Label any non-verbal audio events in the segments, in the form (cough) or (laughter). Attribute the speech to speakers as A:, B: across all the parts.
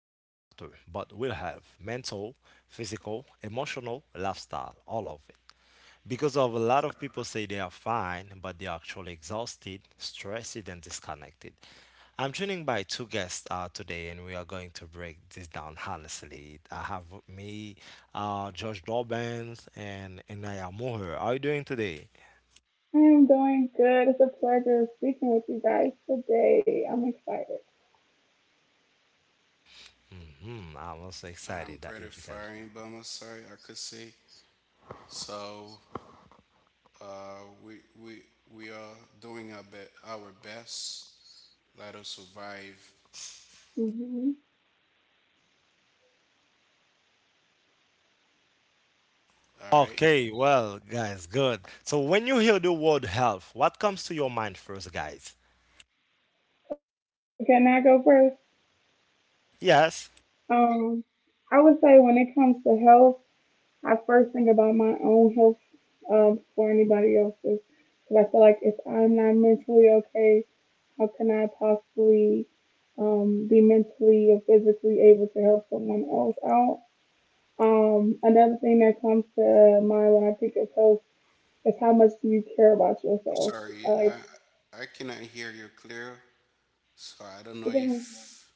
A: doctor, but will health, mental, physical, emotional, lifestyle, all of it. Because of a lot of people say they are fine, but they are actually exhausted, stressed, and disconnected. I'm joining by two guests today, and we are going to break this down honestly. I have with me, Josh Dobbins, and Inaya Moher. How are you doing today?
B: I'm doing good. It's a pleasure speaking with you guys today. I'm excited.
A: I'm also
C: I'm
A: excited that
C: pretty
A: you guys.
C: fine by my side, I could say. So, uh, we we we are doing our best. Let us survive.
B: Hmm.
C: All right.
A: Okay, well, guys, good. So when you hear the word health, what comes to your mind first, guys?
B: Can I go first?
A: Yes.
B: Um, I would say when it comes to health, I first think about my own health before anybody else's. Because I feel like if I'm not mentally okay, how can I possibly be mentally or physically able to help someone else out? Another thing that comes to mind when I think of health is, how much do you care about yourself?
C: Sorry,
B: Like,
C: I cannot hear you clear. So I don't
B: I
C: know
B: think
C: if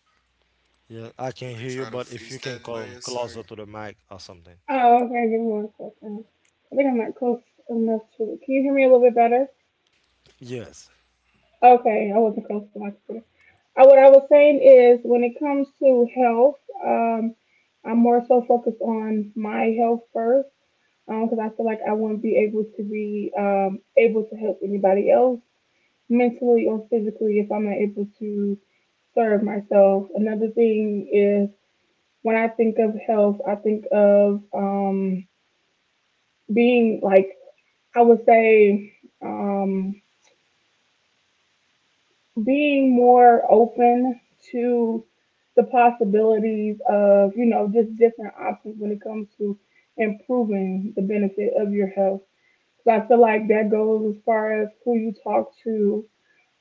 A: Yeah,
C: you c-
A: I can
C: could
A: hear you,
C: try to
A: but if you
C: fix
A: can
C: that by
A: come
C: your
A: closer
C: side.
A: to the mic or something.
B: oh, okay, give me one second. I think I'm not close enough to it. Can you hear me a little bit better?
A: Yes.
B: Okay, I wasn't close to my computer. What I was saying is, when it comes to health, um, I'm more so focused on my health first, because I feel like I wouldn't be able to help anybody else mentally or physically if I'm not able to serve myself. Another thing is, when I think of health, I think of being like, I would say um, being more open to the possibilities of, you know, just different options when it comes to improving the benefit of your health. So I feel like that goes as far as who you talk to,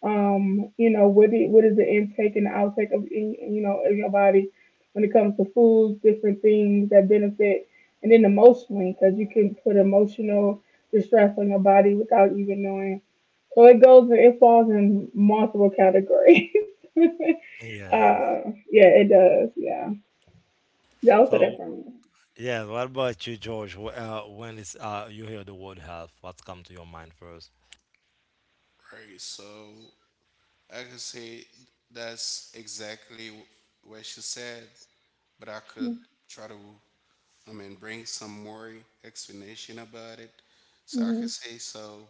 B: you know, what is the intake and outtake of, you know, of your body when it comes to foods, different things that benefit, and then emotionally, because you can put emotional distress on your body without even knowing. So it goes, it falls in multiple categories. (laughs)
A: Yes.
B: Yeah, it does. Yeah, those are
A: So,
B: different.
A: yeah, what about you, George? When it's you hear the word health, what comes to your mind first?
C: Right. So I could say that's exactly what she said, but I could try to, I mean, bring some more explanation about it. So I can
B: Mm-hmm.
C: say so.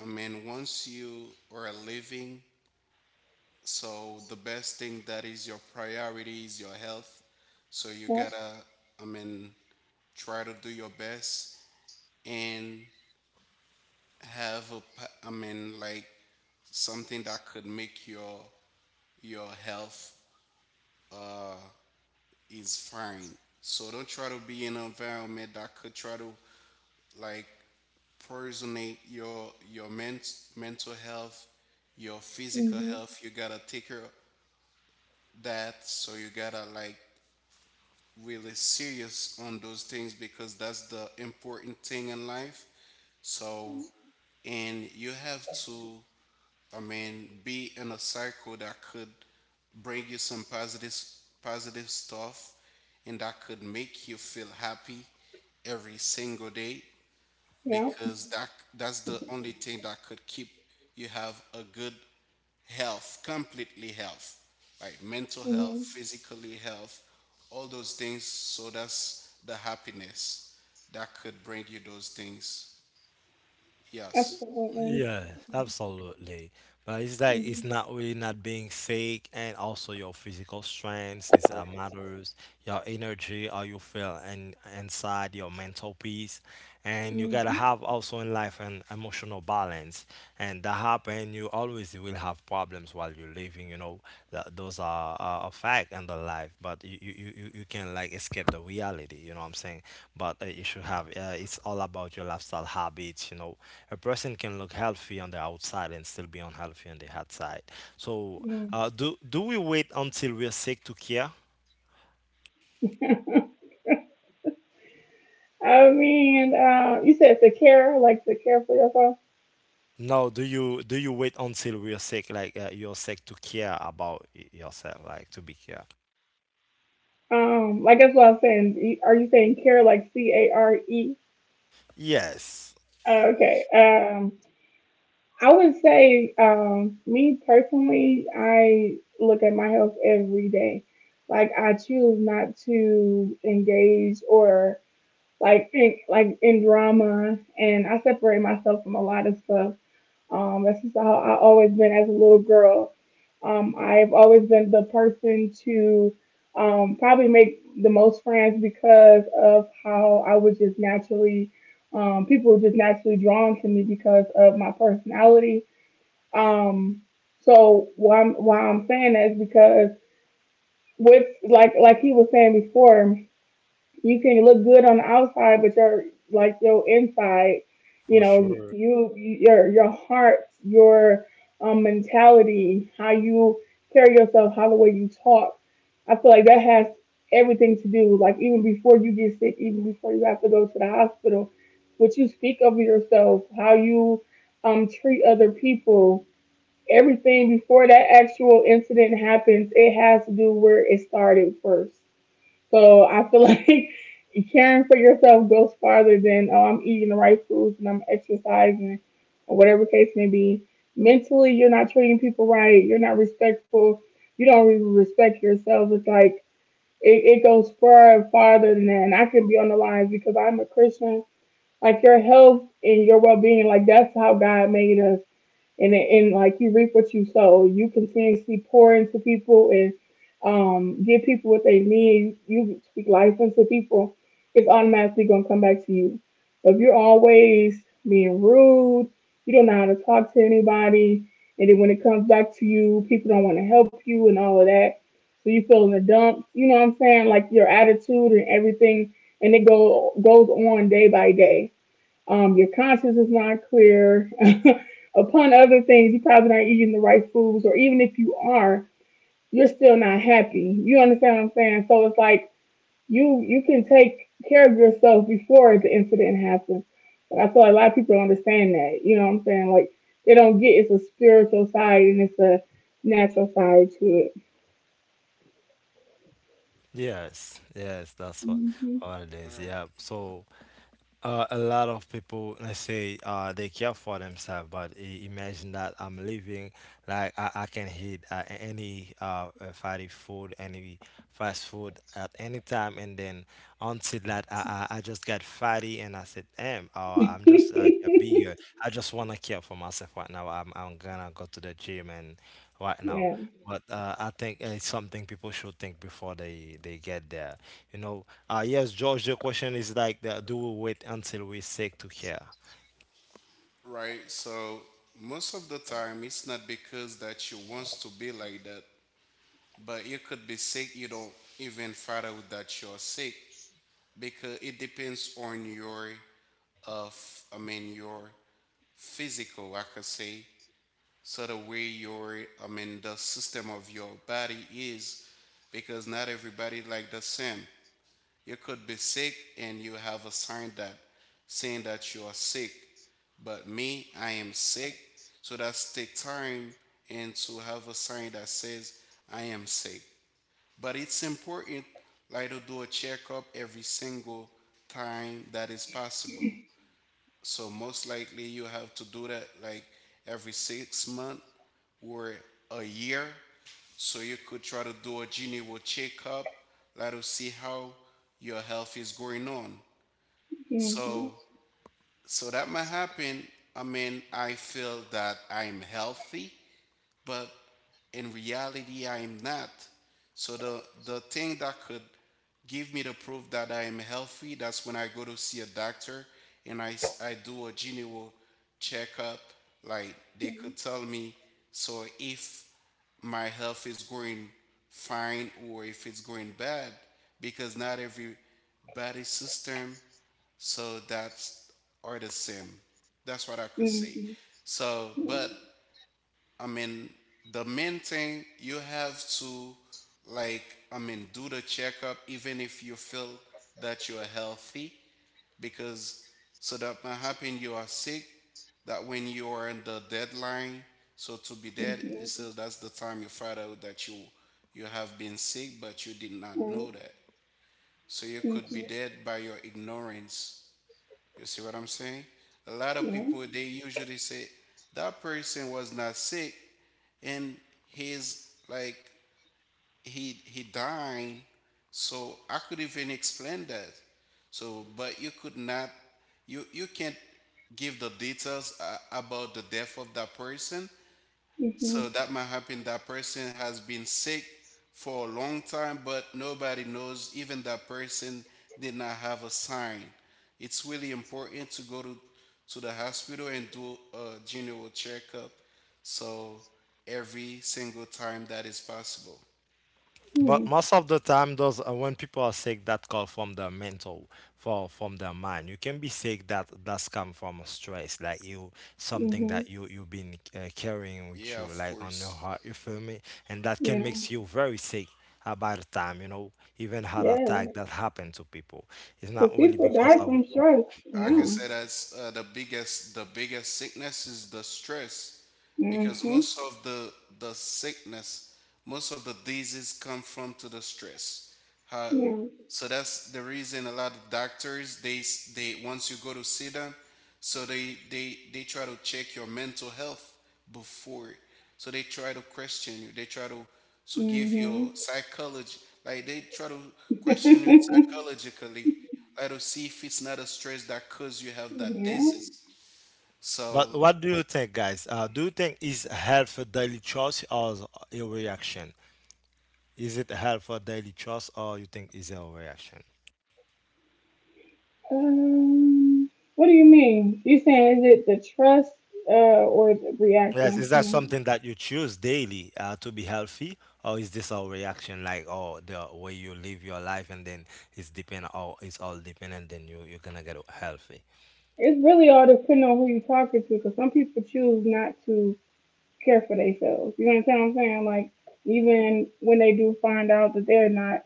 C: I mean, once you are living, so the best thing that is your priority is your health. So you
B: Yep.
C: gotta, I mean, try to do your best and have I mean, like something that could make your health uh, is fine. So don't try to be in an environment that could try to, like, personally your mental health, your physical health.
B: Mm-hmm.
C: You gotta take care of that. So you gotta like really serious on those things, because that's the important thing in life. So and you have to, I mean, be in a cycle that could bring you some positive stuff and that could make you feel happy every single day,
B: Yep.
C: because that's the only thing that could keep you have a good health, completely health, like mental health,
B: Hmm.
C: physically health, all those things. So that's the happiness that could bring you those things. Yes.
B: Absolutely.
A: Yeah, absolutely. But it's like
B: Mm-hmm.
A: it's not really not being sick, and also your physical strength is matters. Your energy, how you feel, and inside your mental peace, and you gotta have also in life an emotional balance, and that happen. You always will have problems while you're living, you know. Those are a fact in the life, but you can like escape the reality, you know what I'm saying? But you should have, it's all about your lifestyle habits, you know. A person can look healthy on the outside and still be unhealthy on the outside. So,
B: Hmm.
A: do we wait until we're sick to care?
B: I mean, you said to care, like to care for yourself.
A: No, do you wait until we're sick, like you're sick to care about yourself, like to be care?
B: Like that's what I was saying. Are you saying care like CARE?
A: Yes,
B: Oh, okay. Um, I would say, me personally, I look at my health every day. Like, I choose not to engage or like in drama, and I separate myself from a lot of stuff. That's just how I always been as a little girl. I've always been the person to probably make the most friends because of how I was just naturally people were just naturally drawn to me because of my personality um, so why I'm saying that is because, with like he was saying before, you can look good on the outside, but your like your inside, you
A: for
B: know,
A: sure.
B: you your heart, your um, mentality, how you carry yourself, how the way you talk, I feel like that has everything to do. Like, even before you get sick, even before you have to go to the hospital, what you speak of yourself, how you treat other people, everything before that actual incident happens, it has to do where it started first. So I feel (laughs) like caring for yourself goes farther than, oh, I'm eating the right foods and I'm exercising or whatever case may be. Mentally, you're not treating people right. You're not respectful. You don't really respect yourself. It's like it goes far and farther than that. And I can be on the lines because I'm a Christian. Like, your health and your well being, like that's how God made us, and like you reap what you sow. You continuously pour into people and give people what they need. You speak life into people. It's automatically gonna come back to you. But if you're always being rude, you don't know how to talk to anybody, and then when it comes back to you, people don't want to help you and all of that. So you feel in the dumps. You know what I'm saying? Like, your attitude and everything, and it go goes on day by day, your conscience is not clear. (laughs) Upon other things, you're probably not eating the right foods, or even if you are, you're still not happy. You understand what I'm saying? So it's like you can take care of yourself before the incident happens. But I feel like a lot of people don't understand that. You know what I'm saying? Like, they don't get it's a spiritual side and it's a natural side to it.
A: Yes, yes, that's
B: Hmm.
A: what it
C: All
A: is.
C: right.
A: Yeah. So, a lot of people, let's say, they care for themselves, but imagine that I'm living like I can hit any fatty food, any fast food at any time, and then until that I just got fatty and I said, damn, I'm just
B: (laughs)
A: get bigger. I just wanna care for myself right now. I'm gonna go to the gym and right now.
B: Yeah.
A: But I think it's something people should think before they get there. You know, yes, George, the question is like, that, do we wait until we're sick to care?
C: Right. So most of the time, it's not because that you want to be like that, but you could be sick. You don't even find out that you're sick, because it depends on I mean, your physical, I could say. So the way I mean, the system of your body is, because not everybody like the same. You could be sick and you have a sign that saying that you are sick, but me, I am sick. So that's take time and to have a sign that says I am sick. But it's important, like, to do a checkup every single time that is possible. So most likely you have to do that like every 6 month or a year. So you could try to do a general checkup, let us see how your health is going on.
B: Mm-hmm.
C: So so that might happen. I mean, I feel that I'm healthy, but in reality I am not. So the thing that could give me the proof that I am healthy, that's when I go to see a doctor and I do a general checkup. Like, they
B: Yeah.
C: could tell me, so if my health is going fine or if it's going bad, because not every body system, so that's are the same. That's what I could say.
B: Mm-hmm.
C: So,
B: Yeah.
C: but I mean, the main thing you have to, like, I mean, do the checkup even if you feel that you are healthy, because so that might happen you are sick, that when you are in the deadline, so to be dead, it
B: Mm-hmm.
C: says that's the time you find out that you have been sick, but you did not
B: All
C: know
B: right.
C: that. So you could
B: Mm-hmm.
C: be dead by your ignorance. You see what I'm saying? A lot of
B: Yeah.
C: people they usually say that person was not sick, and he's like he dying. So I could even explain that, so but you could not, you can't give the details about the death of that person.
B: Mm-hmm.
C: So that might happen that person has been sick for a long time, but nobody knows, even that person did not have a sign. It's really important to go to the hospital and do a general checkup, so every single time that is possible.
B: Hmm.
A: But most of the time, those when people are sick, that call from the mental, for from the mind. You can be sick that that's come from stress, like you something
B: Mm-hmm.
A: that you you've been carrying with
C: Yeah,
A: you,
C: of
A: like on your
C: course.
A: heart. You feel me? And that can
B: Yeah.
A: makes you very sick about the time. You know, even heart
B: Yeah.
A: attack that happen to people. It's
B: The
A: not really
B: people
A: because
B: die
A: of
B: from
A: you
B: stress.
C: I can
A: know.
B: Yeah.
C: say that's the biggest sickness is the stress, because
B: Mm-hmm.
C: most of the sickness, most of the disease come from to the stress. Uh,
B: Yeah.
C: so that's the reason a lot of doctors they, once you go to see them, so they try to check your mental health before. So they try to question you. They try to give your
B: Mm-hmm.
C: psychology, like they try to question you psychologically. I don't see if it's not a stress that cause you
B: (laughs)
C: have that
B: Yeah.
C: disease.
A: But
C: So
A: what do you think, guys? Do you think is help for daily choice or is a reaction? Is it help for daily choice or you think is a reaction?
B: Um, what do you mean? You saying is it the trust or the reaction?
A: Yes, is
B: I'm
A: that
B: trying to.
A: something that you choose daily to be healthy, or is this a reaction like oh the way you live your life and then it's depend all it's all dependent then you you're gonna get healthy?
B: It's really all depending on who you're talking to, because some people choose not to care for themselves. You understand what I'm saying? Like, even when they do find out that they're not,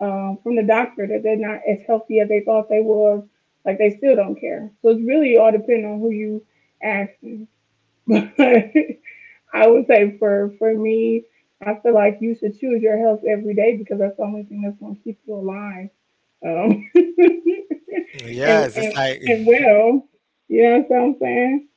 B: from the doctor, that they're not as healthy as they thought they was. Like, they still don't care. So it's really all depending on who you ask. (laughs) But I would say for me, I feel like you should choose your health every day because that's the only thing that's going to keep you alive, um, (laughs)
C: yeah,
B: and
A: Yes,
B: and
A: it's like
B: and
A: (laughs)
B: well. You know what I'm saying?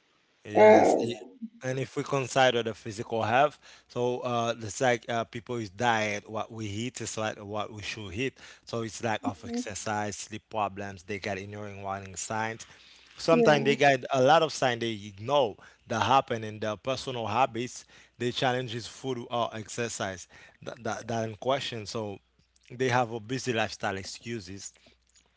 A: Yes,
B: Uh,
A: and if we consider the physical health, so it's like people is diet, what we eat is like what we should eat. So it's lack of exercise, sleep problems. They get ignoring warning signs. Sometimes they
B: yeah,
A: get a lot of signs they ignore that happen in their personal habits. They challenges food or exercise that, that in question. So they have a busy lifestyle excuses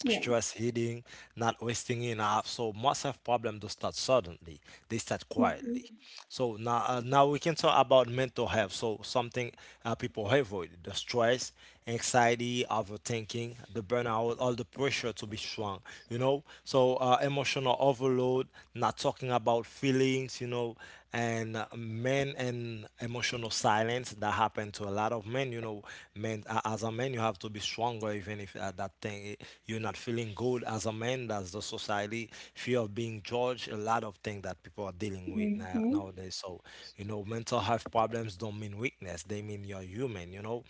B: yeah.
A: stress eating, not wasting enough. So most of problems don't start suddenly; they start quietly.
B: Hmm.
A: So now, now we can talk about mental health. So something people avoid: the stress, anxiety, overthinking, the burnout, all the pressure to be strong. You know, so emotional overload, not talking about feelings. You know, and men and emotional silence that happen to a lot of men. You know, men as a man, you have to be stronger, even if you're not feeling good. As a man, that's the society fear of being judged. A lot of things that people are dealing with now
B: Hmm.
A: nowadays. So, you know, mental health problems don't mean weakness; they mean you're human. You know,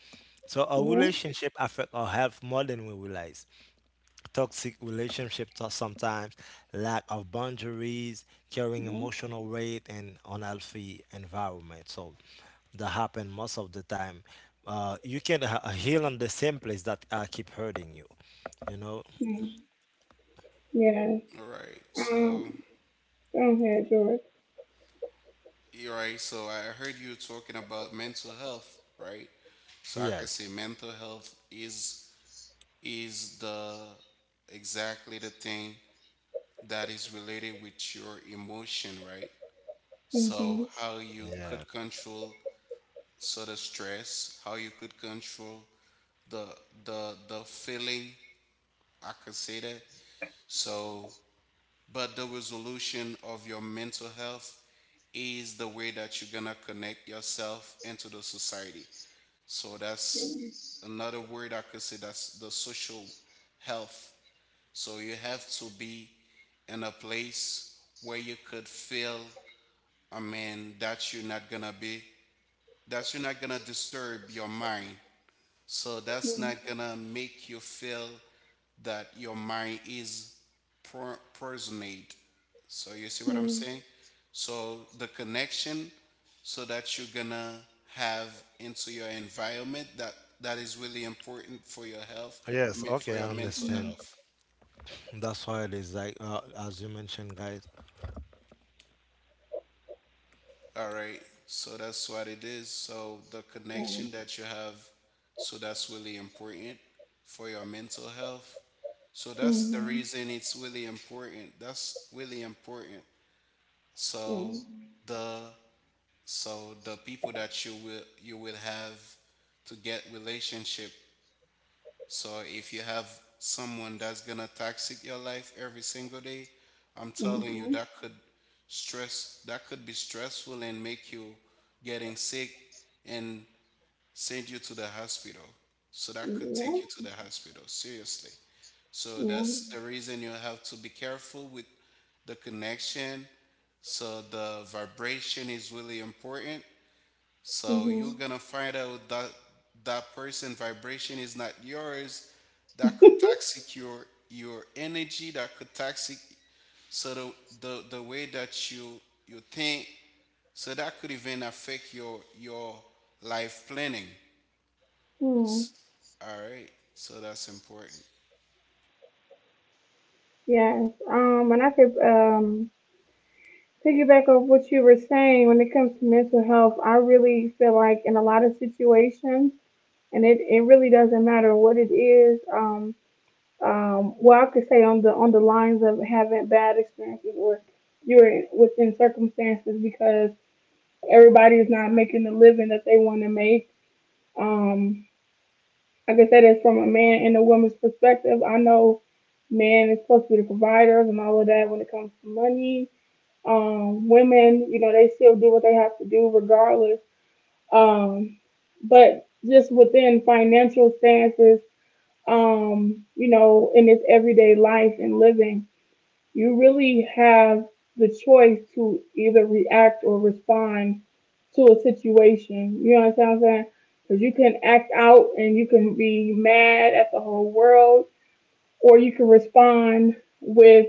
A: so a
B: Yeah.
A: relationship affect our health more than we realize toxic relationships sometimes, lack of boundaries, carrying
B: Yeah.
A: emotional weight, and unhealthy environment. So that happen most of the time. You can heal on the same place that keep hurting you. You know?
B: Mm. Yeah.
C: all right. So
B: Um, go ahead, George.
C: you're right. So I heard you talking about mental health, right? So I can
A: Yes.
C: say mental health is the exactly the thing that is related with your emotion, right?
B: Yeah. Yeah.
C: So
B: Mm-hmm.
C: how you
A: Yeah.
C: could control sort of stress, how you could control the the feeling, I could say that. So but the resolution of your mental health is the way that you're gonna connect yourself into the society. So that's another word, I could say that's the social health. So you have to be in a place where you could feel, I mean, that you're not gonna be, that you're not gonna disturb your mind so that's not gonna make you feel that your mind is personate. So you see what I'm saying? So the connection, so that you're gonna have into your environment that that is really important for your health,
A: Yes.
C: for
A: Okay, I
C: your mental
A: understand.
C: health.
A: That's why it is like as you mentioned, guys.
C: All right. So that's what it is. So the
B: Yes.
C: connection that you have, so that's really important for your mental health. So that's the reason it's really important. That's really important. So the the people that you will have to get relationship, so if you have someone that's gonna toxic your life every single day, I'm telling you that could stress that could be stressful and make you getting sick and send you to the hospital. So that could take you to the hospital, seriously. So that's the reason you have to be careful with the connection. So the vibration is really important, so you're gonna find out that that person vibration is not yours. That could toxic your energy. That could toxic, so the way that you think. So that could even affect your life planning. S- All right. So that's important.
B: And I could piggyback off what you were saying when it comes to mental health. I really feel like in a lot of situations, it really doesn't matter what it is. Well, I could say on the lines of having bad experiences or you're within circumstances, because everybody's not making the living that they want to make. Um, like I said, it's from a man and a woman's perspective. I know men is supposed to be the providers and all of that when it comes to money. Women, you know, they still do what they have to do regardless. Um, but just within financial stances, you know, in this everyday life and living, you really have the choice to either react or respond to a situation. You understand what I'm saying? Because you can act out and you can be mad at the whole world, or you can respond with,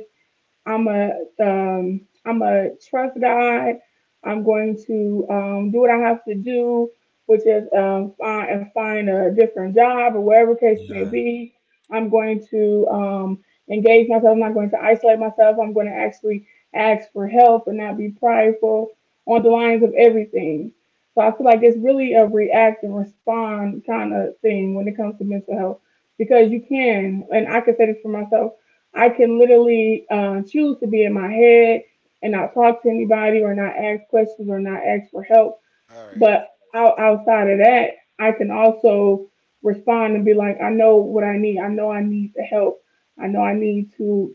B: I'm a I'm a trust God. I'm going to do what I have to do, which is, um, find a different job or whatever case may
A: Yeah.
B: be. I'm going to engage myself. I'm not going to isolate myself. I'm going to actually ask for help and not be prideful on the lines of everything. So I feel like it's really a react and respond kind of thing when it comes to mental health, because you can, and I can say this for myself, I can literally choose to be in my head and not talk to anybody or not ask questions or not ask for help.
C: All right.
B: But outside of that, I can also respond and be like, I know what I need. I know I need the help. I know I need to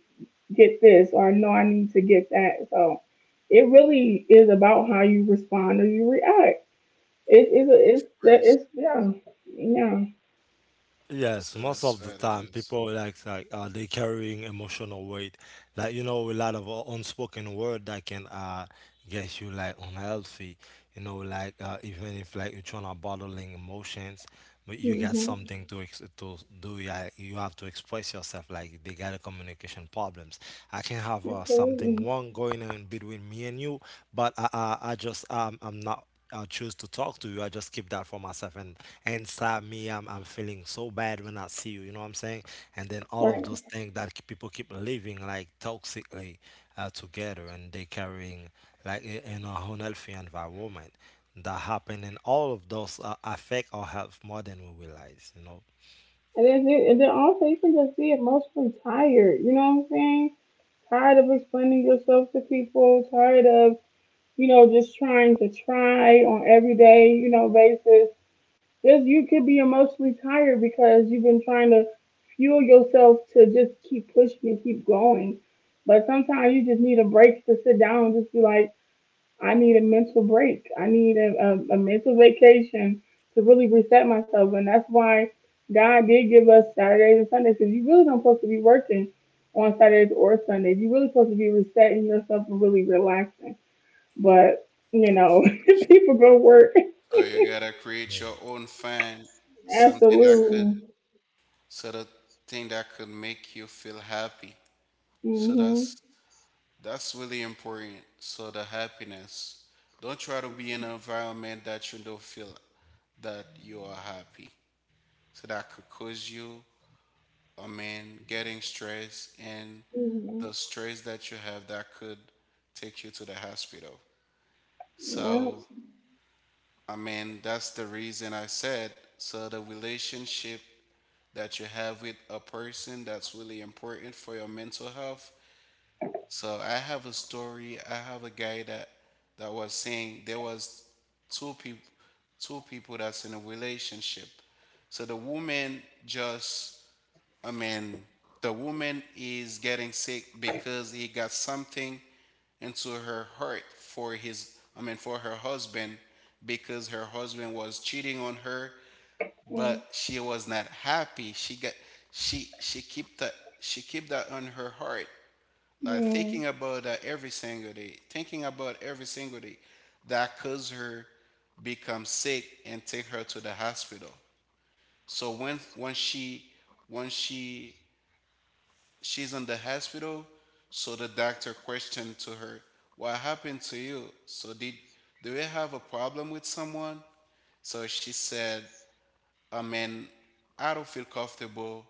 B: get this, or I know I need to get that. So it really is about how you respond or you react. It, is
C: Of course.
B: it's, yeah, yeah,
A: Yes,
C: So
A: most
C: that's
A: of the
C: what it
A: time
C: is.
A: people like they carrying emotional weight, like you know a lot of unspoken word that can get you like unhealthy, you know like even if like you're trying to bottling emotions, but you got
B: hmm,
A: something to to do. Yeah, you have to express yourself. Like they got a communication problems. I can have something
B: absolutely.
A: wrong going on between me and you, but I just I'm not. I choose to talk to you. I just keep that for myself, and inside me, I'm feeling so bad when I see you. You know what I'm saying? And then all of
B: Right.
A: those things that people keep living like toxically together, and they carrying like in a unhealthy environment that happen and all of those affect our health more than we realize you know
B: And then, and then also you can just be emotionally tired. You know what I'm saying? Tired of explaining yourself to people. Tired of, you know, just trying to try on everyday, you know, basis. Just, you could be emotionally tired because you've been trying to fuel yourself to just keep pushing and keep going. But sometimes you just need a break to sit down and just be like, I need a mental break. I need a mental vacation to really reset myself. And that's why God did give us Saturdays and Sundays, because you really don't supposed to be working on Saturdays or Sundays. You're really supposed to be resetting yourself and really relaxing. But, you know, (laughs) people go to work.
C: So you gotta create your
A: yeah
C: own fan, something that could,
B: Absolutely.
C: sort of thing that could make you feel happy. So
B: Hmm.
C: that's really important. So the happiness. Don't try to be in an environment that you don't feel that you are happy. So that could cause you, I mean, getting stressed, and
B: Hmm.
C: the stress that you have, that could take you to the hospital. So, I mean, that's the reason I said, so the relationship that you have with a person, that's really important for your mental health. So I have a story. I have a guy that was saying there was two people two people that's in a relationship. So the woman just, I mean, the woman is getting sick because he got something into her heart for his I mean for her husband, because her husband was cheating on her,
B: Yeah.
C: but she was not happy. She she kept that she kept that on her heart, like thinking about that every single day, thinking about every single day, that caused her become sick and take her to the hospital. So when she's in the hospital, so the doctor questioned to her, "What happened to you? So did do you have a problem with someone?" So she said, "I mean, I don't feel comfortable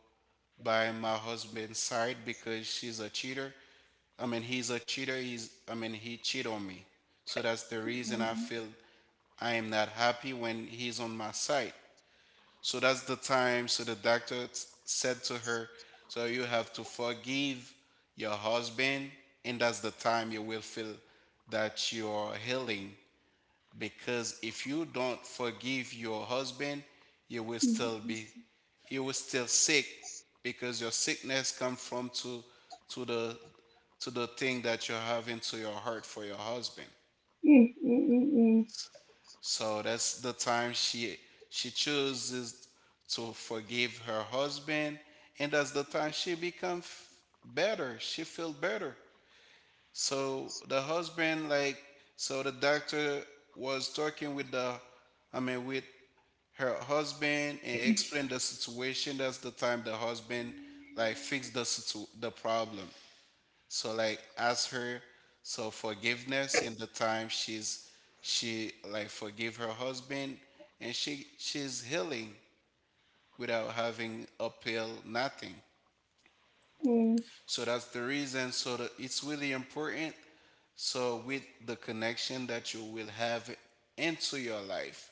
C: by my husband's side because she's a cheater. I mean, he's a cheater. He's, I mean, he cheated on me. So that's the reason I feel I am not happy when he's on my side." So that's the time. So the doctor said to her, so you have to forgive your husband, and that's the time you will feel that you are healing, because if you don't forgive your husband you will still
B: Mm,
C: be you will still sick because your sickness come from to to the to the thing that you are having to your heart for your husband.
B: mm, mm,
C: So that's the time she chooses to forgive her husband, and that's the time she becomes better, she feels better. So the husband, like, so the doctor was talking with the I mean with her husband and explain the situation. That's the time the husband like fix the problem. So like ask her, so forgiveness, in the time she like forgive her husband, and she's healing without having appeal nothing.
B: mm, mm, mm,
C: So that's the reason. So that it's really important. So with the connection that you will have into your life,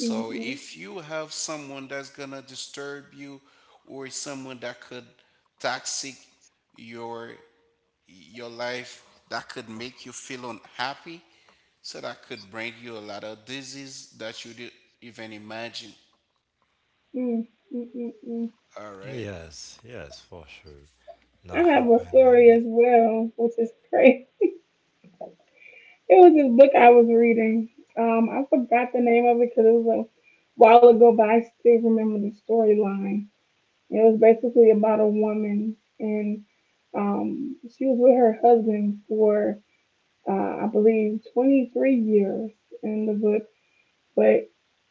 B: mm, mm, mm,
C: if you have someone that's gonna disturb you or someone that could toxic your your life that could make you feel unhappy, so that could bring you a lot of disease that you didn't even imagine.
B: mm, mm, mm, mm.
C: All right.
A: yes yes for sure
B: I
A: that
B: have a
A: happen and
B: story
A: then-.
B: as well, which is crazy. It was this book I was reading. I forgot the name of it because it was a while ago, but I still remember the storyline. It was basically about a woman, and she was with her husband for, I believe, 23 years in the book, but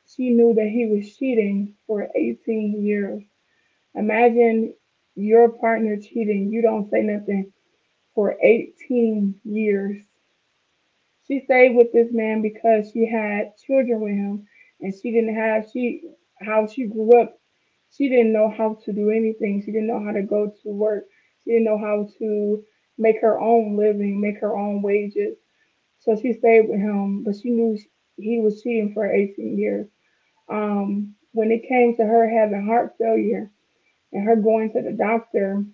B: she knew that he was cheating for 18 years. Imagine your partner cheating, you don't say nothing for 18 years. She stayed with this man because she had children with him and she didn't have she how she grew up. She didn't know how to do anything. She didn't know how to go to work. She didn't know how to make her own living, make her own wages. So she stayed with him, but she knew he was cheating for 18 years. When it came to her having heart failure and her going to the doctor,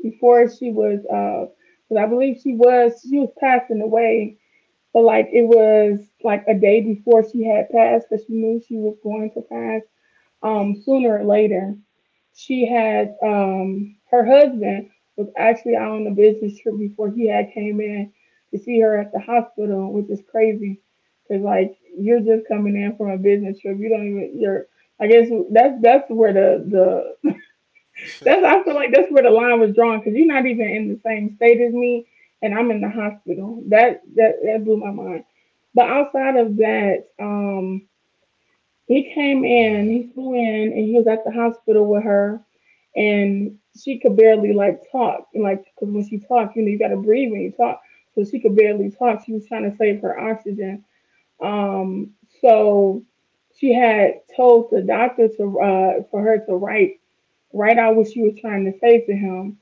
B: before she was cause I believe she was passing away, but like it was like a day before she had passed, but she knew she was going to pass sooner or later. She had her husband was actually out on a business trip before he had came in to see her at the hospital, which is crazy, cause like you're just coming in from a business trip, you don't even you're, I guess that's where the that's I feel like that's where the line was drawn because you're not even in the same state as me, and I'm in the hospital. That blew my mind. But outside of that, he came in,
A: Mm.
B: he flew in, and he was at the hospital with her, and she could barely like talk, and like because when she talked, you gotta breathe when you talk, so she could barely talk. She was trying to save her oxygen. Um, so she had told the doctor to for her to write right out what she was trying to say to him.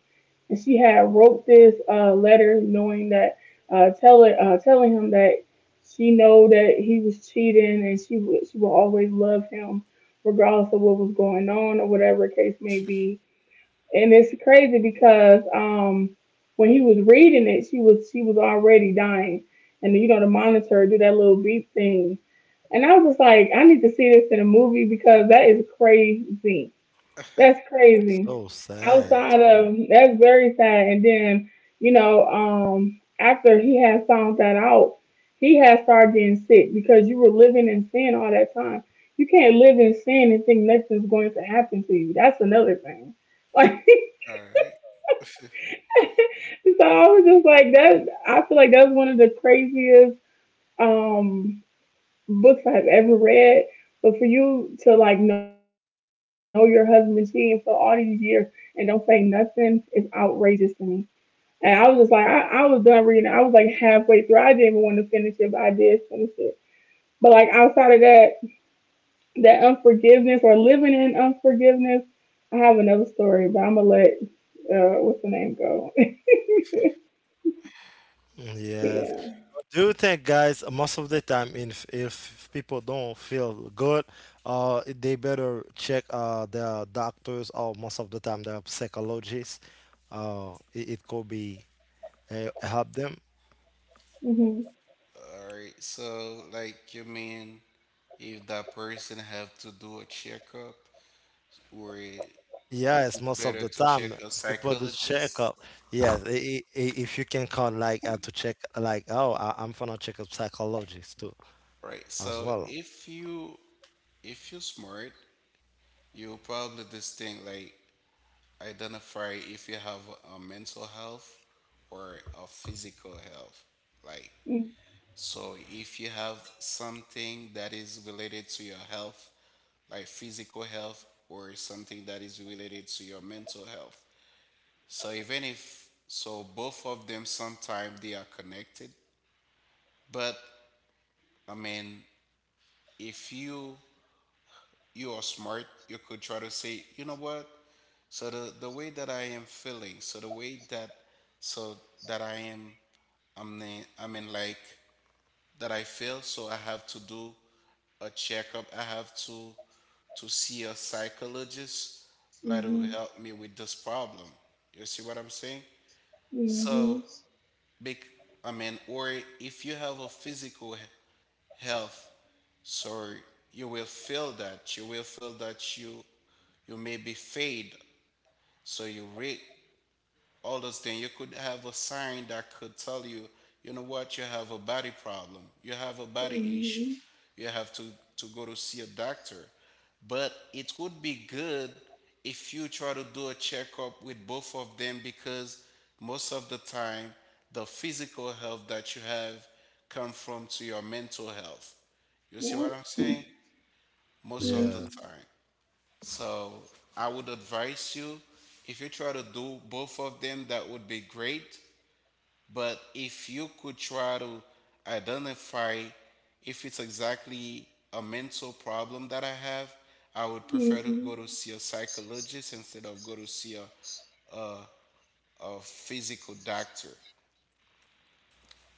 B: And she had wrote this letter knowing that telling him that she know that he was cheating and she would always love him regardless of what was going on or whatever the case may
C: (laughs)
B: be. And it's crazy because when he was reading it, she was already dying, and you know the monitor do that little beep thing. And I was just like, I need to see this in a movie because that is crazy,
C: All
B: that's crazy.
A: So sad
C: right.
B: Outside
A: too.
B: of that's very sad. And then after he had found that out, he had started getting sick because you were living in sin all that time. You can't live in sin and think nothing's going to happen to you. That's another thing. (laughs) Like,
C: All right. (laughs)
B: so I was just like that. I feel like that's one of the craziest, Um, books I've ever read. But for you to like know your husband cheating for all these years and don't say nothing is outrageous to me. And I was just like, I was done reading. I was like halfway through. I didn't even want to finish it, but I did finish it. But like outside of that, that unforgiveness or living in unforgiveness, I have another story, but I'm gonna let what's the name go? (laughs)
A: Yes,
B: Yeah.
A: do you think guys most of the time if people don't feel good they better check their doctors or most of the time their psychologists it could be help them.
B: Mhm.
C: All right. So like you mean if that person have to do a checkup or
A: Yes,
C: it's
A: most of
C: better
A: the
C: to check
A: time
C: a
A: people do check
C: psychologist?
A: up. Yes, if you can call like to check like oh I'm gonna check a psychologist too
C: Right.
A: as
C: So
A: well.
C: if you if you're smart, you'll probably distinct like identify if you have a mental health or a physical health. Like
B: Mhm.
C: so if you have something that is related to your health, like physical health or something that is related to your mental health. So even if so both of them sometimes they are connected, but I mean if you you are smart, you could try to say, you know what? So the way that I am feeling, so the way that so that I am I'm in, I mean like that I feel, so I have to do a checkup. I have to see a psychologist like to
B: Mhm.
C: help me with this problem. You see what I'm saying?
B: Mhm.
C: So big I mean or if you have a physical health, so you will feel that you you may be fade. So you rate all those things. You could have a sign that could tell you, you know what, you have a body problem, you have a body issue,
B: Mhm.
C: you have to go to see a doctor. But it would be good if you try to do a checkup with both of them because most of the time the physical health that you have come from to your mental health. You see
B: Yeah.
C: what I'm saying? Most of the
A: Yeah,
B: Mhm.
C: time. So I would advise you if you try to do both of them, that would be great. But if you could try to identify if it's exactly a mental problem that I have, I would prefer to
B: Mhm.
C: go to see a psychologist instead of go to see a physical doctor.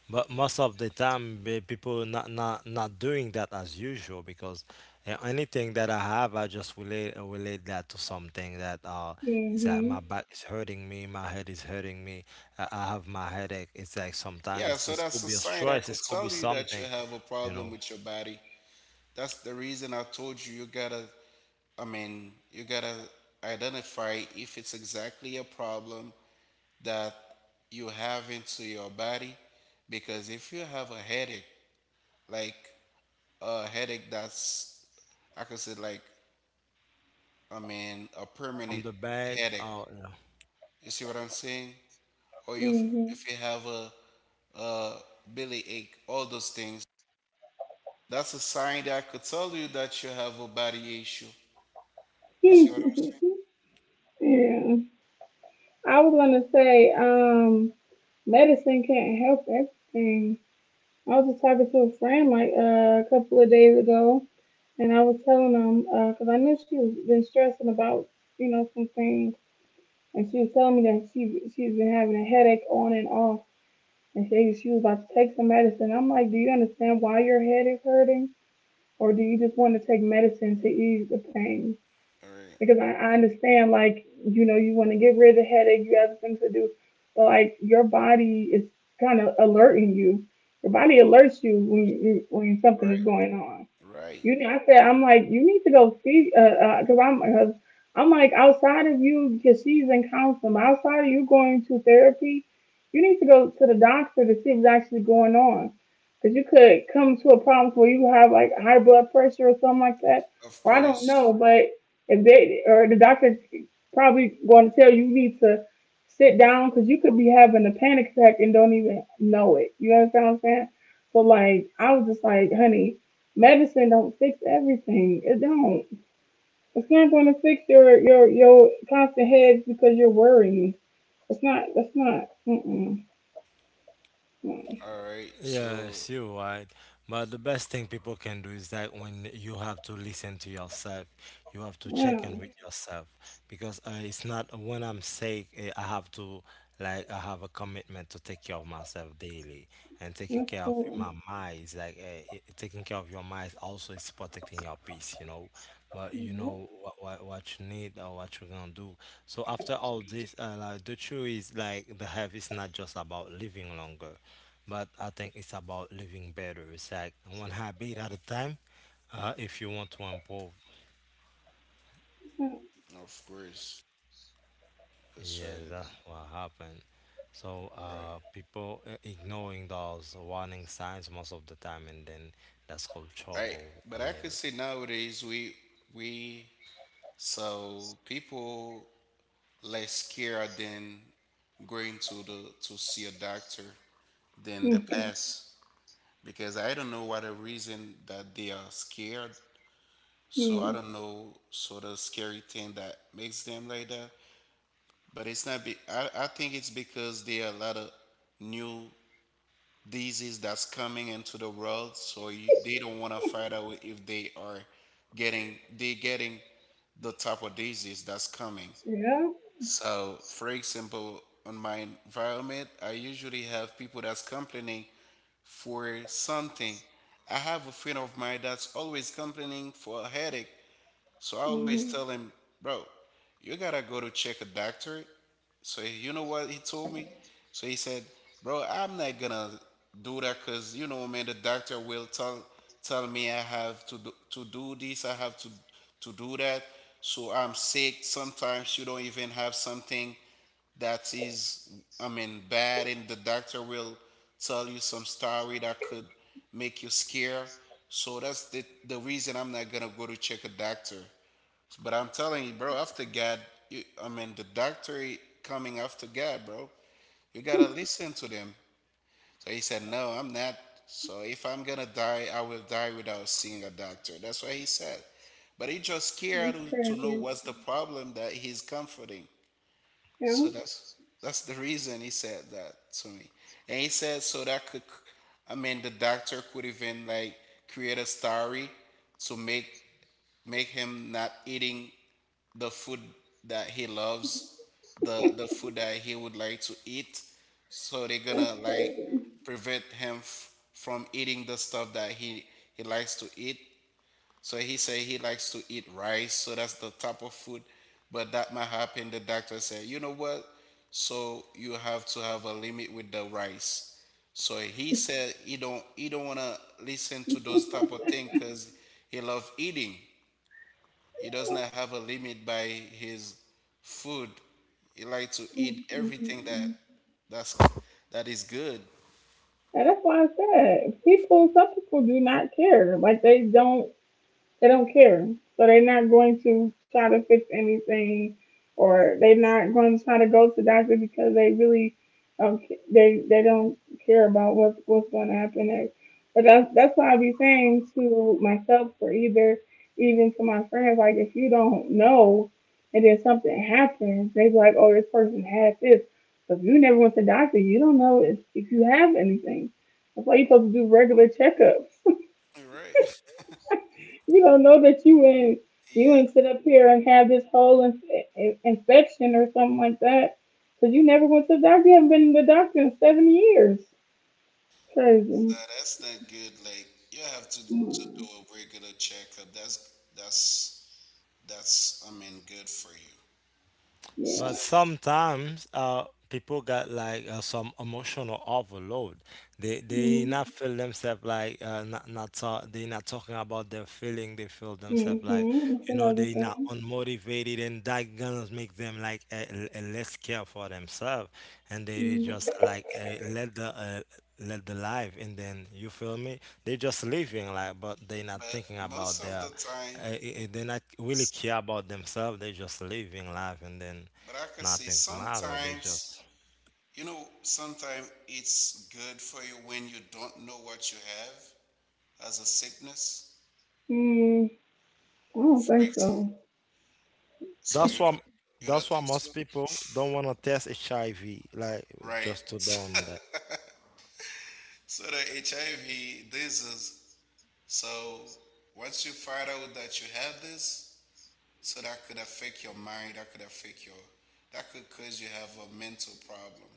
A: but most of the time eh, people not doing that as usual because anything that I have I just relate relate that to something that it's like my
B: Mhm.
A: back is hurting me, my head is hurting me, I have my headache. It's like
C: Yeah,
A: sometimes
C: so
A: it's, it
C: that's
A: could
C: a
A: be a
C: sign that
A: stress, it
C: could
A: could be
C: tell you that you
A: something
C: have a
A: you
C: problem
A: know
C: with your body. That's the reason I told you you gotta I mean, you gotta identify if it's exactly a problem that you have into your body. Because if you have a headache, like a headache that's, I could say, like, I mean, a
A: from
C: permanent
A: the back.
C: headache, you see what I'm saying? Or
B: Mhm.
C: if you have a belly ache, all those things, that's a sign that could tell you that you have a body issue.
B: (laughs)
C: You
B: Yeah.
C: see what I'm
B: I was gonna say, medicine can't help everything. I was just talking to a friend like a couple of days ago, and I was telling them because I knew she was been stressing about some things, and she was telling me that she's been having a headache on and off, and she was about to take some medicine. I'm like, do you understand why your head is hurting, or do you just want to take medicine to ease the pain?
C: saying? All
B: Because I understand like you know you want to get rid of the headache, you have things to do, but like your body is kind of alerting you. Your body alerts you when something
C: right,
B: is going on.
C: right.
B: You know, I said, I'm like, you need to go see, cause cause I'm like, outside of you, cause she's in counseling, outside of you going to therapy, you need to go to the doctor to see what's actually going on. Cause you could come to a problem where you have like high blood pressure or something like that,
C: Of
B: or I don't
C: course.
B: know, but if they, or the doctor probably going to tell you you need to sit down cause you could be having a panic attack and don't even know it. You understand what I'm saying? So like, I was just like, honey, medicine don't fix everything. It don't. It's not going to fix your constant headaches because you're worrying. It's not. It's not. Mm-mm. Mm.
C: All right, so
A: Yes, you're right. But the best thing people can do is that when you have to listen to yourself, you have to check in
B: No.
A: with yourself because it's not when I'm sick, eh, I have to like I have a commitment to take care of myself daily and taking
B: That's
A: care of
B: cool.
A: my mind is like taking care of your mind also is protecting your peace, you know. But you
B: Yep.
A: know what you need or what you're gonna do. So after all this, like the truth is like the health is not just about living longer but I think it's about living better. It's like one habit at a time. If you want to improve,
C: of course it's
A: yeah, that's
C: Saturday,
A: what happened. So
C: right?
A: people ignoring those warning signs most of the time, and then that's called
C: Right,
A: trouble
C: but I could
A: later.
C: say nowadays we so people less scared than going to the to see a doctor than the
B: Mm.
C: past because I don't know what the reason that they are scared. So I
B: Mm.
C: don't know sort of scary thing that makes them like that, but it's not. I think it's because there are a lot of new disease that's coming into the world so you, they don't want to fight out if they are getting they getting the type of disease that's coming.
B: Yeah.
C: So for example on my environment I usually have people that's complaining for something. I have a friend of mine that's always complaining for a headache, so I always
B: Mm-hmm.
C: tell him, bro, you gotta go to check a doctor. So you know what he told me? So he said, bro, I'm not gonna do that because you know, man, the doctor will tell me I have to do this, I have to do that. So I'm sick. Sometimes you don't even have something that is I mean bad and the doctor will tell you some story that could make you scare, so that's the reason I'm not gonna go to check a doctor, but I'm telling you bro after God you, I mean the doctor coming after God bro you gotta listen to them. So he said no I'm not, so if I'm gonna die I will die without seeing a doctor, that's what he said. But he just scared
B: That's
C: to know
B: crazy.
C: what's the problem that he's comforting.
B: Yeah.
C: So that's the reason he said that to me. And he said so that could I mean the doctor could even like create a story to make him not eating the food that he loves, the food that he would like to eat. So they're
B: That's
C: gonna like
B: crazy.
C: prevent him from eating the stuff that he likes to eat. So he said he likes to eat rice, so that's the type of food. But that might happen. The doctor said, you know what? So you have to have a limit with the rice. So he said he don't wanna listen to those type of thing because he loves eating. He does not have a limit by his food. He likes to eat everything that
B: Mm-mm-mm.
C: that's that is good.
B: And that's why I said, people, some people do not care. Like they don't. They don't care. So they're not going to try to fix anything, or they're not going to try to go to the doctor because they really don't. They don't care about what's going to happen next. But that's why I be saying to myself, or either even to my friends, like if you don't know, and then something happens, they be like, oh, this person had this. But if you never went to the doctor, you don't know if you have anything. That's why you're supposed to do regular checkups.
C: All right.
B: You don't know that you in,
C: (laughs)
B: you
C: Yeah.
B: and sit up here and have this whole infection or something like that because you never went to the doctor. You haven't been to the doctor in 7 years. Crazy.
C: That's not good. Like you have to do
B: Mm,
C: a regular checkup. That's I mean good for you. So
B: yeah.
A: But
C: that is really good.
A: sometimes people got like some emotional overload. They
B: Mhm.
A: not feel themselves like not not talk, they not talking about their feeling. They feel themselves like
B: Mhm. That's
A: you know
B: another
A: they not
B: thing.
A: unmotivated, and that gonna make them like less care for themselves, and they
B: Mhm.
A: just like let the life, and then you feel me? They just living like, but they not
C: But
A: thinking
C: most
A: about
C: of the
A: their
C: time,
A: uh, uh, they not really
C: s-
A: care about themselves. They just living life, and then
C: but I can say
A: nothing's matter. They
C: sometimes
A: just
C: you know sometimes it's good for you when you don't know what you have as a sickness.
B: Mm, I don't
C: For
B: think
C: example,
B: so.
C: so
A: that's why
C: you don't
A: that's why
C: think
A: most
C: so?
A: people don't want to test HIV, like
C: Right.
A: just to
C: (laughs)
A: done.
C: So the HIV, this is So once you find out that you have this, so that could affect your mind, that could affect your, that could cause you have a mental problem.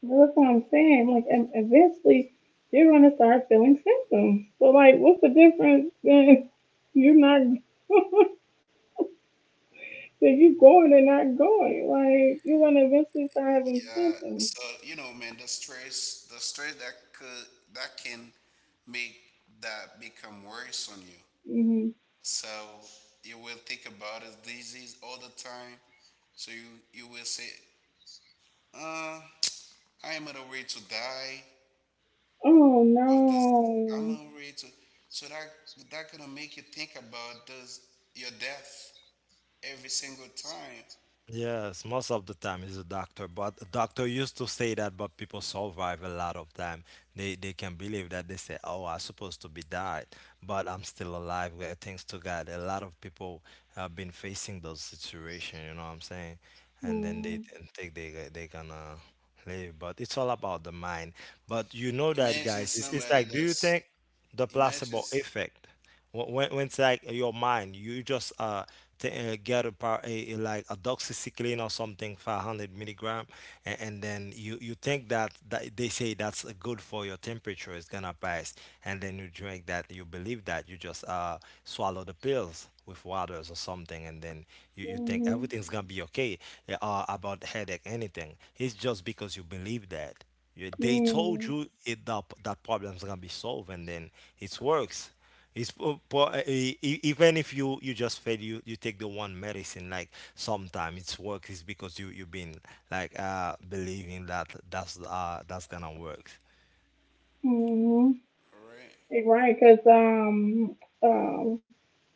B: Well, that's what I'm saying. Like, eventually, you're gonna start feeling symptoms. So, like, what's the difference? Then you're not. (laughs) So you going and not going. Like you're gonna eventually start having
C: Yeah,
B: symptoms.
C: so you know, man, the stress that could that can make that become worse on you.
B: Hmm.
C: So you will think about this disease all the time. So you will say, uh, I am on the way to die.
B: Oh
C: Of this, I'm
B: no.
C: already to. So that gonna make you think about does your death every single time.
A: Yes, most of the time is a doctor, but a doctor used to say that, but people survive a lot of time. They can believe that they say, "Oh, I supposed to be died, but I'm still alive." Well, thanks to God, a lot of people have been facing those situation. You know what I'm saying? And then they
B: Mm-hmm.
A: then think they they gonna live, but it's all about the mind. But you know that,
C: Imagine
A: guys. It's
C: somebody
A: like, do you
C: that's
A: think the
C: imagine.
A: placebo
C: s-
A: effect? When it's like your mind, you just get a like a doxycycline or something, 500 milligram, and then you think that they say that's good for your temperature, it's gonna pass, and then you drink that, you believe that, you just swallow the pills with waters or something, and then you think everything's gonna be okay about headache, anything. It's just because you believe that. They told
B: Mm-hmm.
A: you that problem's gonna be solved, and then it works it's po- po- e- e- Even if you just fail, you take the one medicine. Like sometimes it's works is because you've been like believing that that's gonna work.
B: Mm-hmm.
C: Alright,
B: Right, because um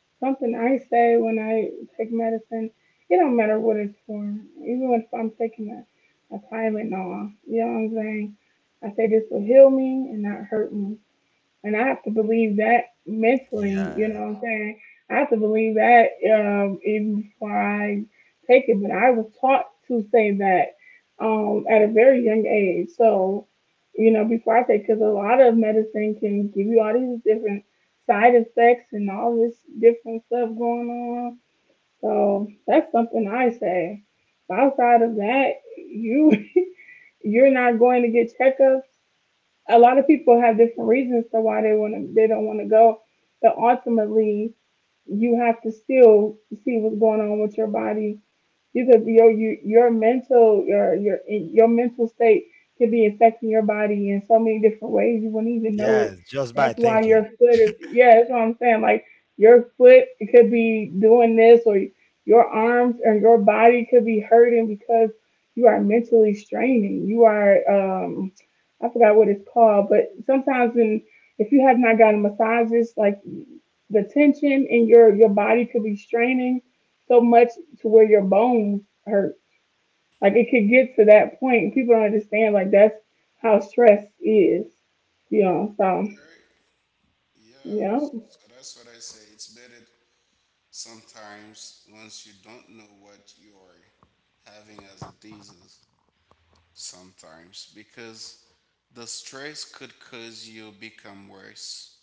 B: something I say when I take medicine, it don't matter what it's for. Even if I'm taking a Tylenol, you know what I'm saying? I say this will heal me and not hurt me. And I have to believe that mentally, you
A: Yeah,
B: know what I'm saying? I have to believe that even before I take it. But I was taught to say that at a very young age. So, you know, before I take, because a lot of medicine can give you all these different side effects and all this different stuff going on. So that's something I say. Outside of that, you (laughs) you're not going to get checkups. A lot of people have different reasons to why they don't want to go, but ultimately you have to still see what's going on with your body. Your mental state could be affecting your body in so many different ways you wouldn't even know
A: yeah,
B: it.
A: just by
B: That's why your
A: thinking.
B: foot is. Yeah. That's what I'm saying. Like your foot could be doing this, or your arms and your body could be hurting because you are mentally straining. You are I forgot what it's called, but sometimes when if you have not gotten massages, like the tension in your body could be straining so much to where your bones hurt. Like it could get to that point. People don't understand. Like that's how stress is. You know. So
C: all right, yeah.
B: yeah.
C: So that's what I say. It's better sometimes once you don't know what you are having as a disease. Sometimes because the stress could cause you become worse.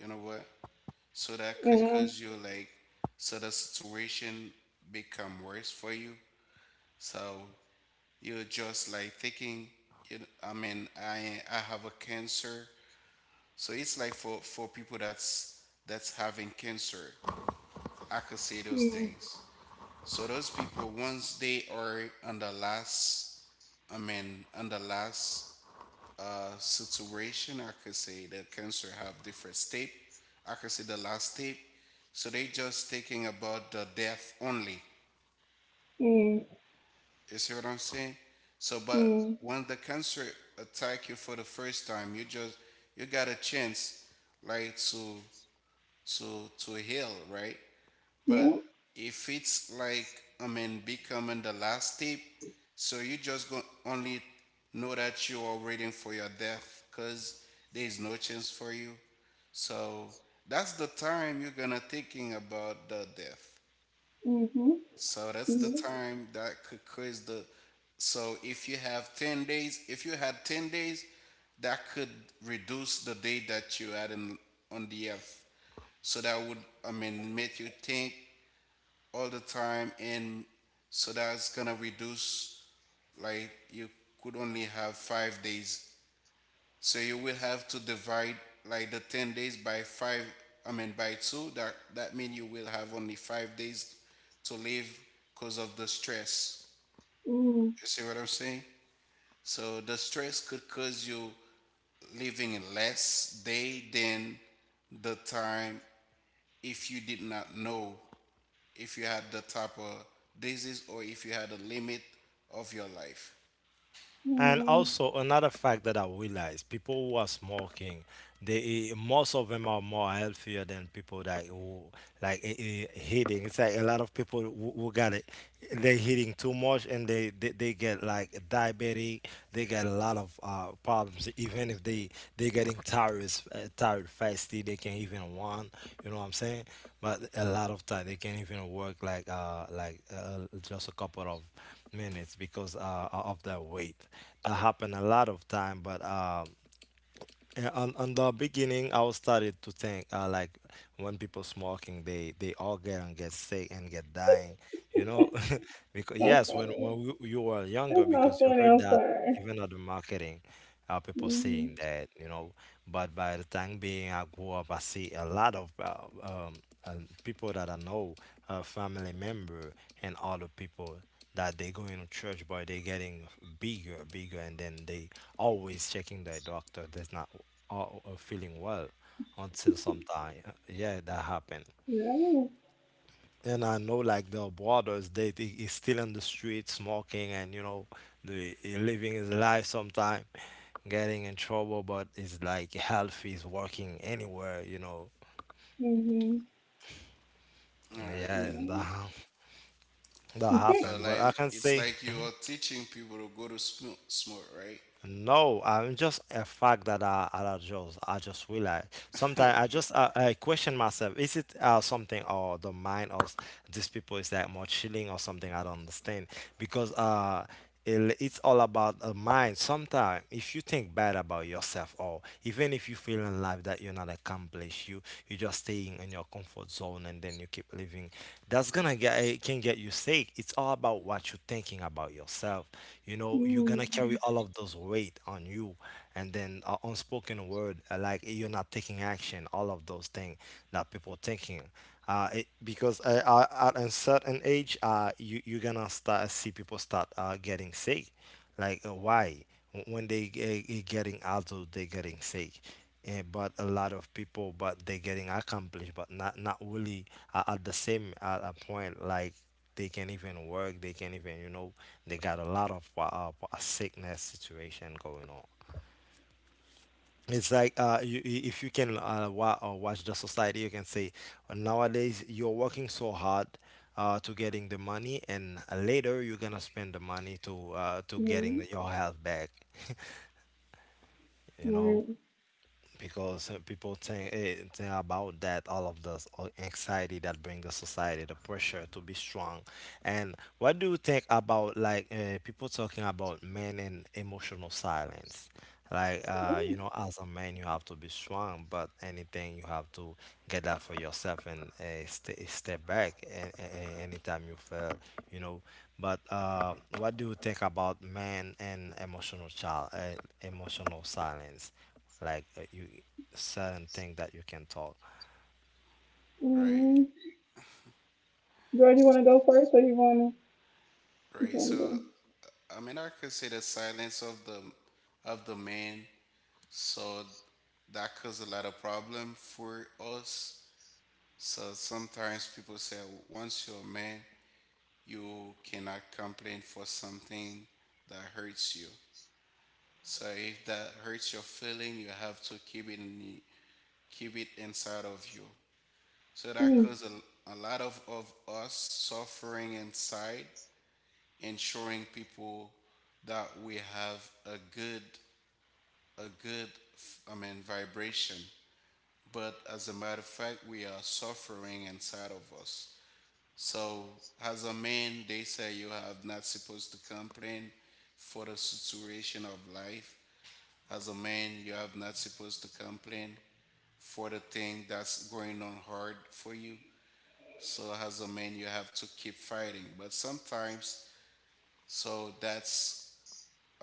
C: You know what? So that could
B: Yeah.
C: cause you like so the situation become worse for you. So you're just like thinking, you know, I mean, I have a cancer. So it's like for people that's having cancer. I could say those
B: Mm,
C: things. So those people once they are on the last I mean on the last situation. I could say the cancer have different step. I could say the last step. So they just thinking about the death only.
B: mm,
C: You see what I'm saying? So, but
B: mm,
C: when the cancer attack you for the first time, you just you got a chance, like to to heal, right? But
B: yeah.
C: if it's like, I mean, becoming the last tip, so you just go only know that you are waiting for your death because there is no chance for you. So that's the time you're gonna thinking about the death.
B: Mhm.
C: So that's the
B: Mhm.
C: time that could cause the. So if you have 10 days, if you had 10 days, that could reduce the day that you had in, on the earth. So that would, I mean, make you think all the time and so that's gonna reduce like you could only have 5 days, so you will have to divide like the 10 days by five I mean by two that that means you will have only 5 days to live because of the stress.
B: Mm,
C: You see what I'm saying? So the stress could cause you living less day than the time if you did not know if you had the type of disease or if you had a limit of your life.
A: And
B: mhm.
A: also another fact that I realized, people who are smoking, most of them are more healthier than people that who like hitting. It's like a lot of people who got it they're eating too much and they get like diabetic, they get a lot of problems even if they they getting tired, tired fasty, they can't even want, you know what I'm saying? But a lot of time they can't even work like just a couple of minutes because of that weight. That happen a lot of time, but yeah, on the beginning, I was started to think like when people smoking, they all get and get sick and get dying, you know, (laughs) because
B: So
A: yes, when
B: funny.
A: you were younger,
B: That's not
A: because you
B: funny.
A: heard
B: I'm
A: that
B: sorry.
A: even at the marketing, people
B: Mhm.
A: saying that, you know, but by the time being I grew up, I see a lot of uh, people that I know, family member and other people that they go in church but they getting bigger bigger and then they always checking their doctor that's not feeling well until sometime. Yeah, that happened.
B: Yeah.
A: And I know like the brothers they is still in the street smoking, and you know the he living his life sometime getting in trouble, but it's like health is working anywhere, you know.
B: Mhm.
C: All right.
A: Yeah, that
B: Yeah.
C: So
A: happened,
B: (laughs)
A: but
C: like
A: I can
C: it's
A: say,
C: like you're teaching people to go to smoke, right?
A: no, I'm just a fact that I don't just I just realize sometimes I just I question myself, is it something or the mind of these people is like more chilling or something, I don't understand because it's all about a mind. Sometimes if you think bad about yourself or even if you feel in life that you're not accomplished, you're just staying in your comfort zone and then you keep living. That's gonna get, it can get you sick. It's all about what you're thinking about yourself. You know, you're gonna
B: Mm,
A: carry all of those weight on you, and then unspoken word, like you're not taking action. All of those things that people thinking. It, because At a certain age, you you're gonna start see people start getting sick. Like why? When they getting adult they getting fake, eh. But a lot of people but they getting accomplished but not not really at the same at a point, like they can even work, they can even, you know, they got a lot of sickness situation going on. It's like if you can watch the society, you can say nowadays you're working so hard, to getting the money, and later you're gonna spend the money to getting
B: right.
A: your health back. You know,
B: Right.
A: because people think, think about that, all of the anxiety that bring the society, the pressure to be strong. And what do you think about like people talking about men and emotional silence, like you know, as a man you have to be strong, but anything you have to get that for yourself and stay, step back, and anytime you fail, you know. But what do you think about men and emotional child, emotional silence, like you certain thing that you can talk.
C: Right,
B: Mm-hmm. Girl, you want to go first, or you want to? You
C: right.
B: want
C: So
B: to go?
C: I mean, I consider silence of the man. So that causes a lot of problem for us. So sometimes people say, once you're a man, you cannot complain for something that hurts you. So if that hurts your feeling, you have to keep it in, keep it inside of you. So that
B: Mm,
C: causes a lot of us suffering inside and showing people that we have a good I mean vibration. But as a matter of fact, we are suffering inside of us. So as a man, they say you have not supposed to complain for the situation of life. As a man, you are not supposed to complain for the thing that's going on hard for you. So as a man, you have to keep fighting. But sometimes, so that's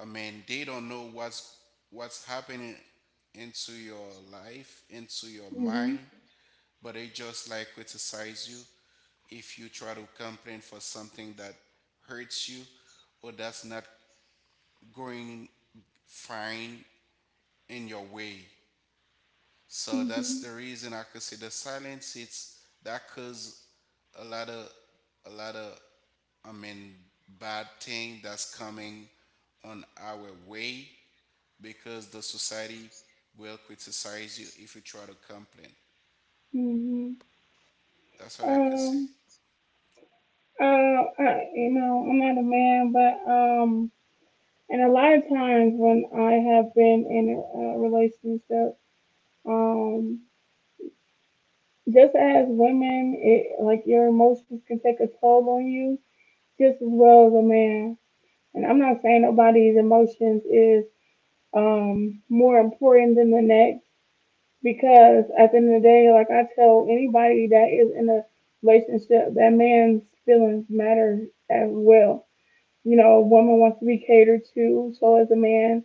C: I mean, they don't know what's happening into your life, into your mind,
B: mhm,
C: but they just like criticize you if you try to complain for something that hurts you or that's not going fine in your way. So
B: mhm,
C: that's the reason I consider silence. It's that cause a lot of a lot of I mean bad thing that's coming on our way because the society will criticize you if you try to complain.
B: mhm.
C: That's what I could say.
B: Um, I'm not a man, but and a lot of times when I have been in a relationship, um, just as women, it like your emotions can take a toll on you, just as well as a man. And I'm not saying nobody's emotions is more important than the next. Because at the end of the day, like I tell anybody that is in a relationship, that man's feelings matter as well. You know, a woman wants to be catered to, so as a man,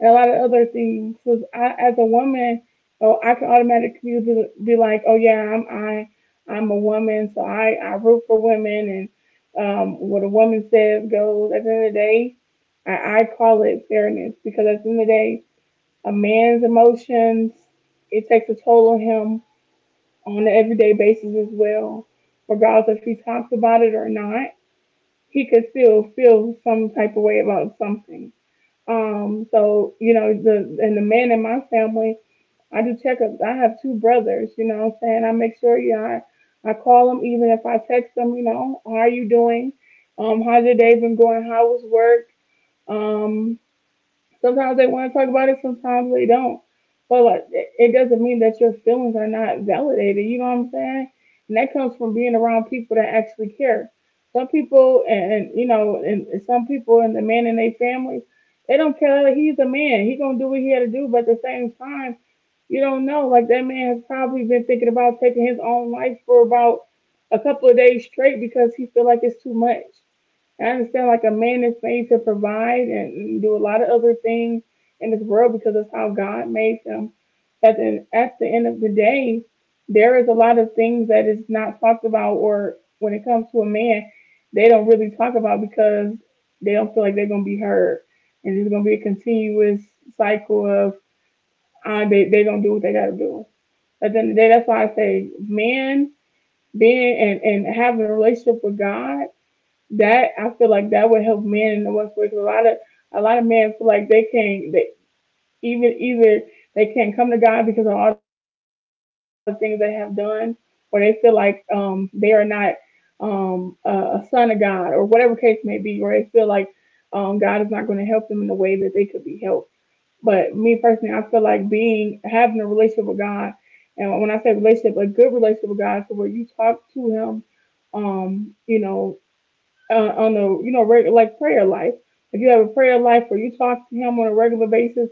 B: and a lot of other things. Because I, as a woman, oh, I can automatically be like, oh yeah, I'm a woman, so I root for women, and what a woman says goes. At the end of the day, I call it fairness because at the end of the day a man's emotions, it takes a toll on him on an everyday basis as well. Regardless if he talks about it or not, he could still feel some type of way about something. So, you know, the and the man in my family, I do checkups. I have two brothers, you know what I'm saying? I make sure, you know, I call them even if I text them, you know, how are you doing? How's your day been going? How was work? Um, Sometimes they want to talk about it, sometimes they don't. But like, it doesn't mean that your feelings are not validated. You know what I'm saying? And that comes from being around people that actually care. Some people, and some people, and the men in their families, they don't care. Like, he's a man. He gonna do what he had to do. But at the same time, you don't know. Like that man has probably been thinking about taking his own life for about a couple of days straight because he feel like it's too much. And I understand like a man is made to provide and do a lot of other things in this world because that's how God made them. But then at the end of the day, there is a lot of things that is not talked about or when it comes to a man, they don't really talk about because they don't feel like they're gonna be heard. And it's gonna be a continuous cycle of they gonna do what they gotta do. But then that's why I say man being and having a relationship with God that I feel like that would help men in the workplace. A lot of men feel like they even either they can't come to God because of all the things they have done, or they feel like they are not um a, a son of God or whatever case may be, or they feel like God is not going to help them in the way that they could be helped. But me personally, I feel like being having a relationship with God, and when I say relationship, a good relationship with God, so where you talk to Him um, you know, on a like prayer life. If you have a prayer life where you talk to him on a regular basis,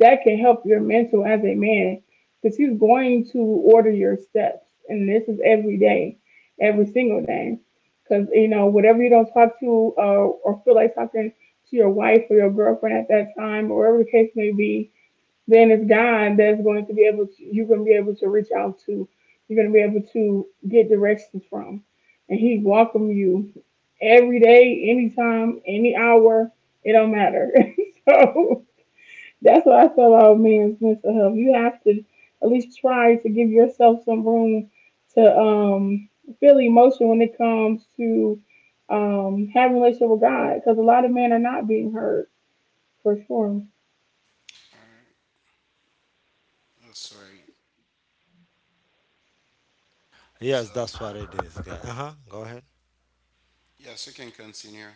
B: that can help your mental as a man because he's going to order your steps, and this is every day, every single day. Because you know whatever you don't talk to or feel like talking to your wife or your girlfriend at that time, or whatever the case may be, then it's God that's going to be able to, you're going to be able to reach out to, you're going to be able to get directions from. And He welcome you every day, anytime, any hour, it don't matter. (laughs) So that's what I feel about men's mental health. You have to at least try to give yourself some room to feel emotion when it comes to having a relationship with God, because a lot of men are not being heard for sure.
C: All right. Oh, sorry. So
A: Yes, that's what it is, guy. Uh-huh. Go ahead.
C: yes, you can continue.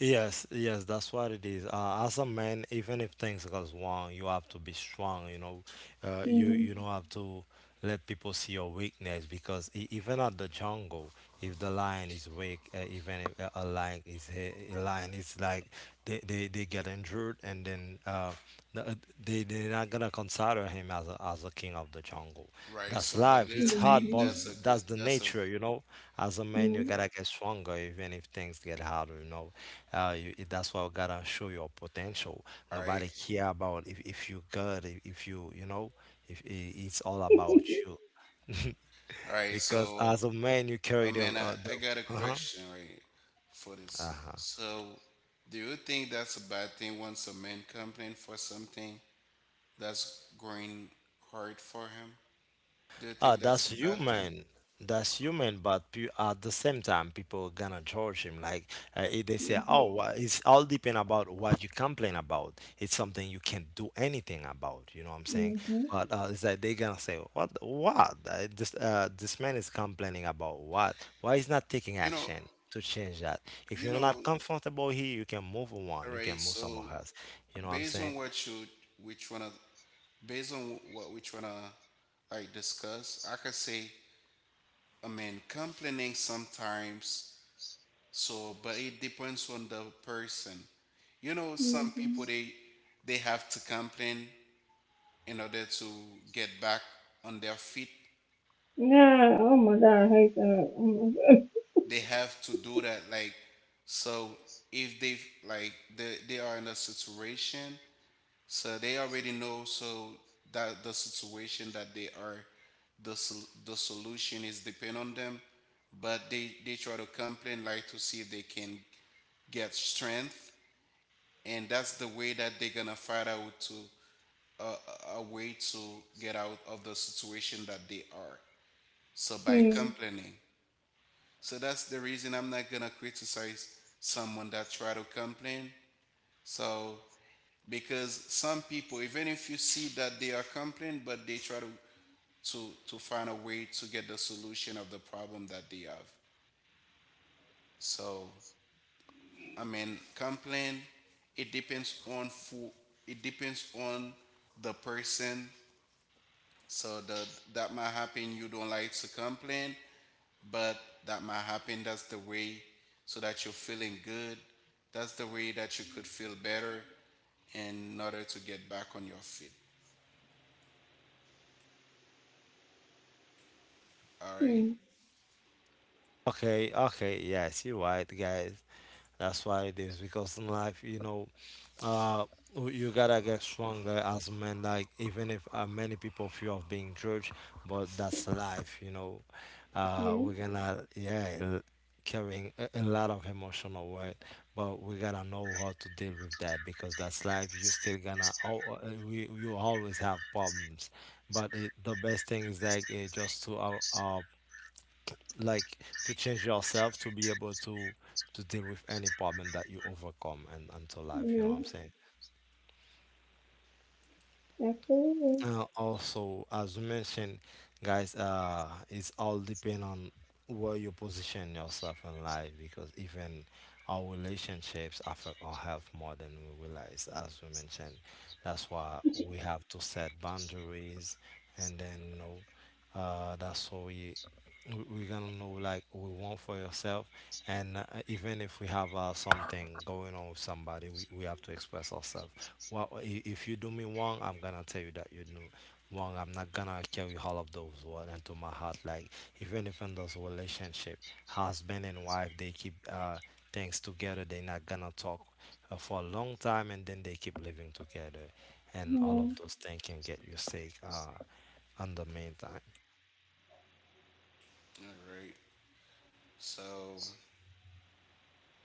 A: Yes, yes, that's what it is. As a man, even if things goes wrong, you have to be strong. You know, you
B: Hmm.
A: you don't have to let people see your weakness because even at the jungle, if the lion is weak, even if a lion a lion is like they get injured, and then n- uh, they they're not gonna consider him as as a king of the jungle.
C: Right.
A: That's
C: So, but I
A: life.
C: do
A: It's
C: think
A: hard, but
C: that's a good.
A: that's the
C: That's a
A: nature. You know, as a man, you gotta get stronger even if things get harder. You know. That's why you gotta show your potential.
C: all right.
A: Nobody care about if you good, if you, you know, if I it's all about you. (laughs)
C: All right.
A: Because
C: So
A: as a man, you
C: I
A: carry
C: mean, I, I
A: the,
C: got a
A: uh-huh,
C: question right for this.
A: uh-huh.
C: So, do you think that's a bad thing once a man complains for something that's going hard for him? Do you
A: Ah,
C: think that's
A: that's
C: a bad thing?
A: human. That's human, but at the same time, people gonna judge him. Like they say, "Oh, it's all depend about what you complain about. It's something you can't do anything about." You know what I'm saying?
B: Mhm,
A: But it's like they gonna say, "What? What? This man is complaining about what? Why is not taking
C: You know,
A: action to change that? If
C: you
A: you're not
C: know,
A: comfortable here, you can move on. You can
C: alright.
A: move somewhere
C: So,
A: else. You know what I'm
C: based
A: saying?"
C: on what you, which one, based on what we tryna like discuss, I could say, I mean, complaining sometimes. So, but it depends on the person. You know, some people,
B: mhm.
C: they have to complain in order to get back on their feet.
B: Yeah, oh my god, I hate that. Oh my god.
C: They have to do that. Like, so if they, like they are in a situation, so they already know. So that the situation that they are, the solution is depend on them. But they try to complain like to see if they can get strength, and that's the way that they're gonna find out to way to get out of the situation that they are. So by
B: Mm,
C: complaining, so that's the reason I'm not gonna criticize someone that try to complain. So because some people, even if you see that they are complaining, but they try to to find a way to get the solution of the problem that they have. So I mean, complain. It depends on who. It depends on the person. So that that might happen. You don't like to complain, but that might happen. That's the way. So that you're feeling good. That's the way that you could feel better in order to get back on your feet. All right.
B: mm,
A: Okay, okay, yes, you're right, guys. That's why it is, because in life, you know, uh, you gotta get stronger as men. Like even if many people fear of being judged, but that's life. You know,
B: yeah,
A: we're gonna yeah carrying a lot of emotional weight, but we gotta know how to deal with that because that's life. You still gonna, oh, we you always have problems, but the best thing is like just to like to change yourself to be able to deal with any problem that you overcome and until life, you know
B: yeah,
A: what I'm saying?
B: absolutely.
A: Also, as we mentioned, guys, it's all depend on where you position yourself in life, because even our relationships affect our health more than we realize. As we mentioned, that's why we have to set boundaries, and then you know, that's why we we're gonna know like we want for yourself, and even if we have something going on with somebody, we have to express ourselves well, if you do me wrong, I'm gonna tell you that you do wrong. I'm not gonna carry all of those words into my heart. Like even if in those relationship, husband and wife, they keep things together, they're not gonna talk for a long time, and then they keep living together, and all
B: Yeah,
A: of those things can get you sick. In the meantime.
C: All right. So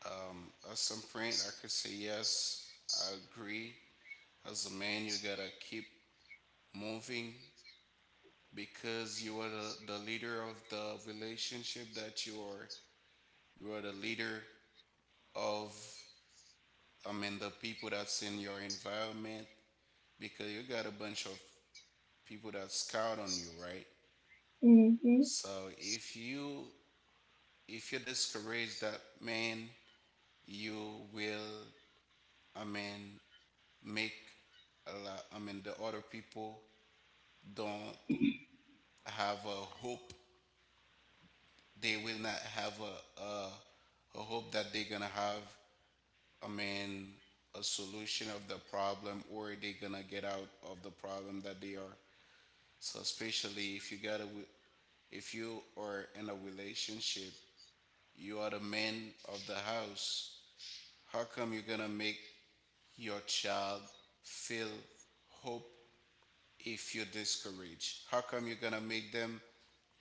C: at some point, I could say yes. I agree. As a man, you gotta keep moving because you are the leader of the relationship that you are. You are the leader of, I mean, the people that's in your environment, because you got a bunch of people that scout on you, right?
B: mm-hmm,
C: So if you if you discourage that man, you will, I mean, make a lot, I mean the other people don't have a hope. They will not have a hope that they're gonna have, I mean, a solution of the problem, or they're gonna get out of the problem that they are. So especially if you got a, if you are in a relationship, you are the man of the house. How come you're gonna make your child feel hope if you discourage? How come you're gonna make them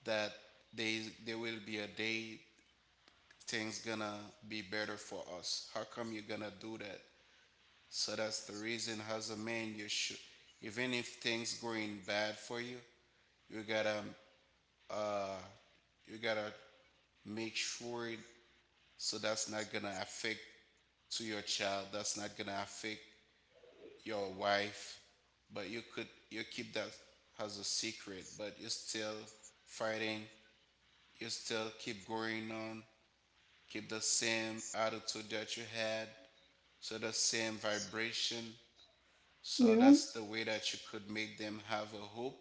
C: that they there will be a day things gonna be better for us? How come you're gonna do that? So that's the reason as a man you should, even if things going bad for you, you gotta uh you gotta make sure it, so that's not gonna affect to your child, that's not gonna affect your wife, but you could you keep that as a secret, but you're still fighting, you still keep going on, keep the same attitude that you had, so the same vibration, so
B: yeah,
C: that's the way that you could make them have a hope.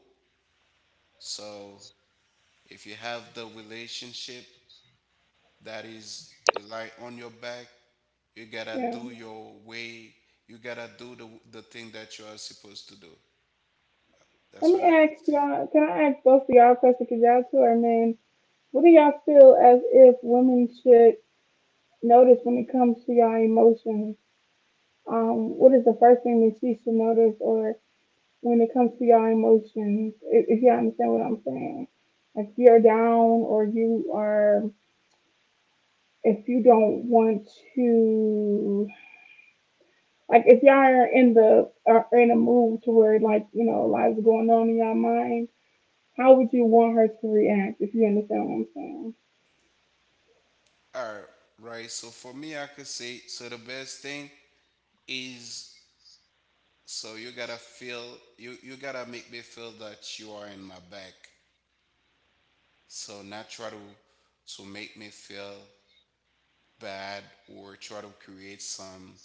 C: So if you have the relationship that is rely on your back, you gotta
B: yeah.
C: do your way. You gotta do the thing that you are supposed to do. That's
B: Let me
C: what I could
B: ask
C: say.
B: y'all, can I ask both of y'all a question? Because y'all two are men. What do y'all feel as if women should notice when it comes to y'all emotions? What is the first thing that she should notice, or when it comes to your emotions, if you understand what I'm saying. If you're down or you are, if you don't want to, like if y'all are in the, are in a mood to where like, you know, lives lot going on in your mind, how would you want her to react if you understand what I'm saying?
C: All right, right. So for me, I could say so. The best thing is so you gotta feel, you gotta make me feel that you are in my back. So not try to make me feel bad, or try to create some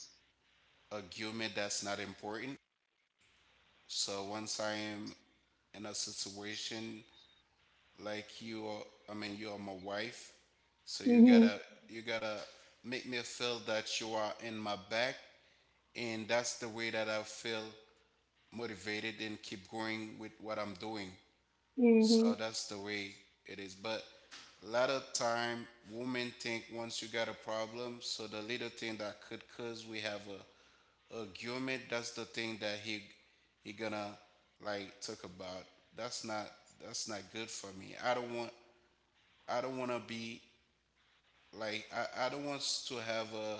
C: argument that's not important. So once I am in a situation, like you are, I mean, you are my wife, so
B: Mm-hmm,
C: you gotta make me feel that you are in my back, and that's the way that I feel motivated and keep going with what I'm doing.
B: mm-hmm,
C: So that's the way it is. But a lot of time, women think once you got a problem, so the little thing that could cause we have a argument, that's the thing that he gonna like talk about. That's not, that's not good for me. I don't want to be like, I don't want to have a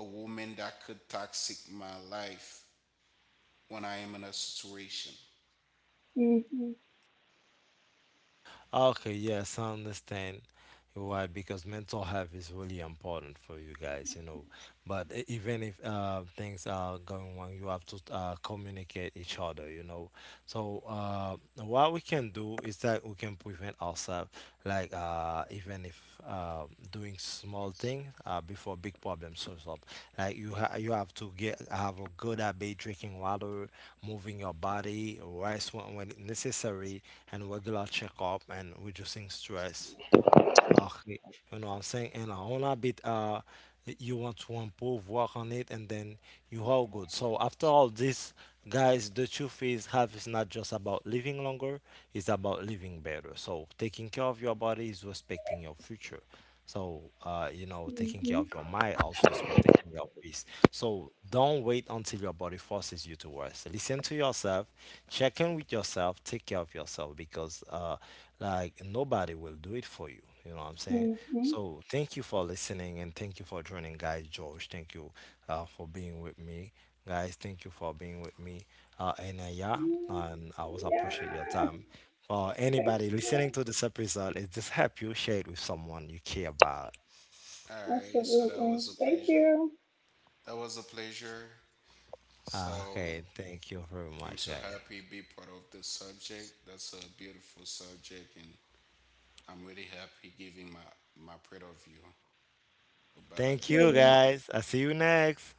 C: a woman that could toxic my life when I am in a situation.
B: mm-hmm,
A: Okay, yes, I understand. Why? Because mental health is really important for you guys. You know, but even if things are going wrong, you have to communicate each other, you know. So what we can do is that we can prevent ourselves, like even if doing small things before big problems shows up. Like you you have to get have a good habit: drinking water, moving your body, rest when necessary, and regular checkup, and reducing stress. Okay, you know what I'm saying? And a whole lot bit you want to improve, work on it, and then you all good. So after all this, guys, the truth is health is not just about living longer, it's about living better. So taking care of your body is respecting your future. So you know, taking care
B: mm-hmm,
A: of your mind also is protecting your peace. So don't wait until your body forces you to rest. Listen to yourself, check in with yourself, take care of yourself because like nobody will do it for you. You know what I'm saying?
B: mm-hmm.
A: So thank you for listening and thank you for joining, guys. George, thank you for being with me, guys. Thank you for being with me. And Yeah, and I was
B: Yeah.
A: appreciate your
B: Yes,
A: time. For
B: thank
A: anybody listening
B: you.
A: to this episode, it just help you share it with someone you care about.
C: All right, so that
B: Absolutely.
C: was a
B: Thank
C: pleasure. That was a pleasure.
A: Ah,
C: So
A: okay, thank you very
C: I'm
A: much,
C: so
A: guys.
C: happy to be part of this subject. That's a beautiful subject, and I'm really happy giving my my point of view about it.
A: Thank you,
B: you.
A: guys. I see you next.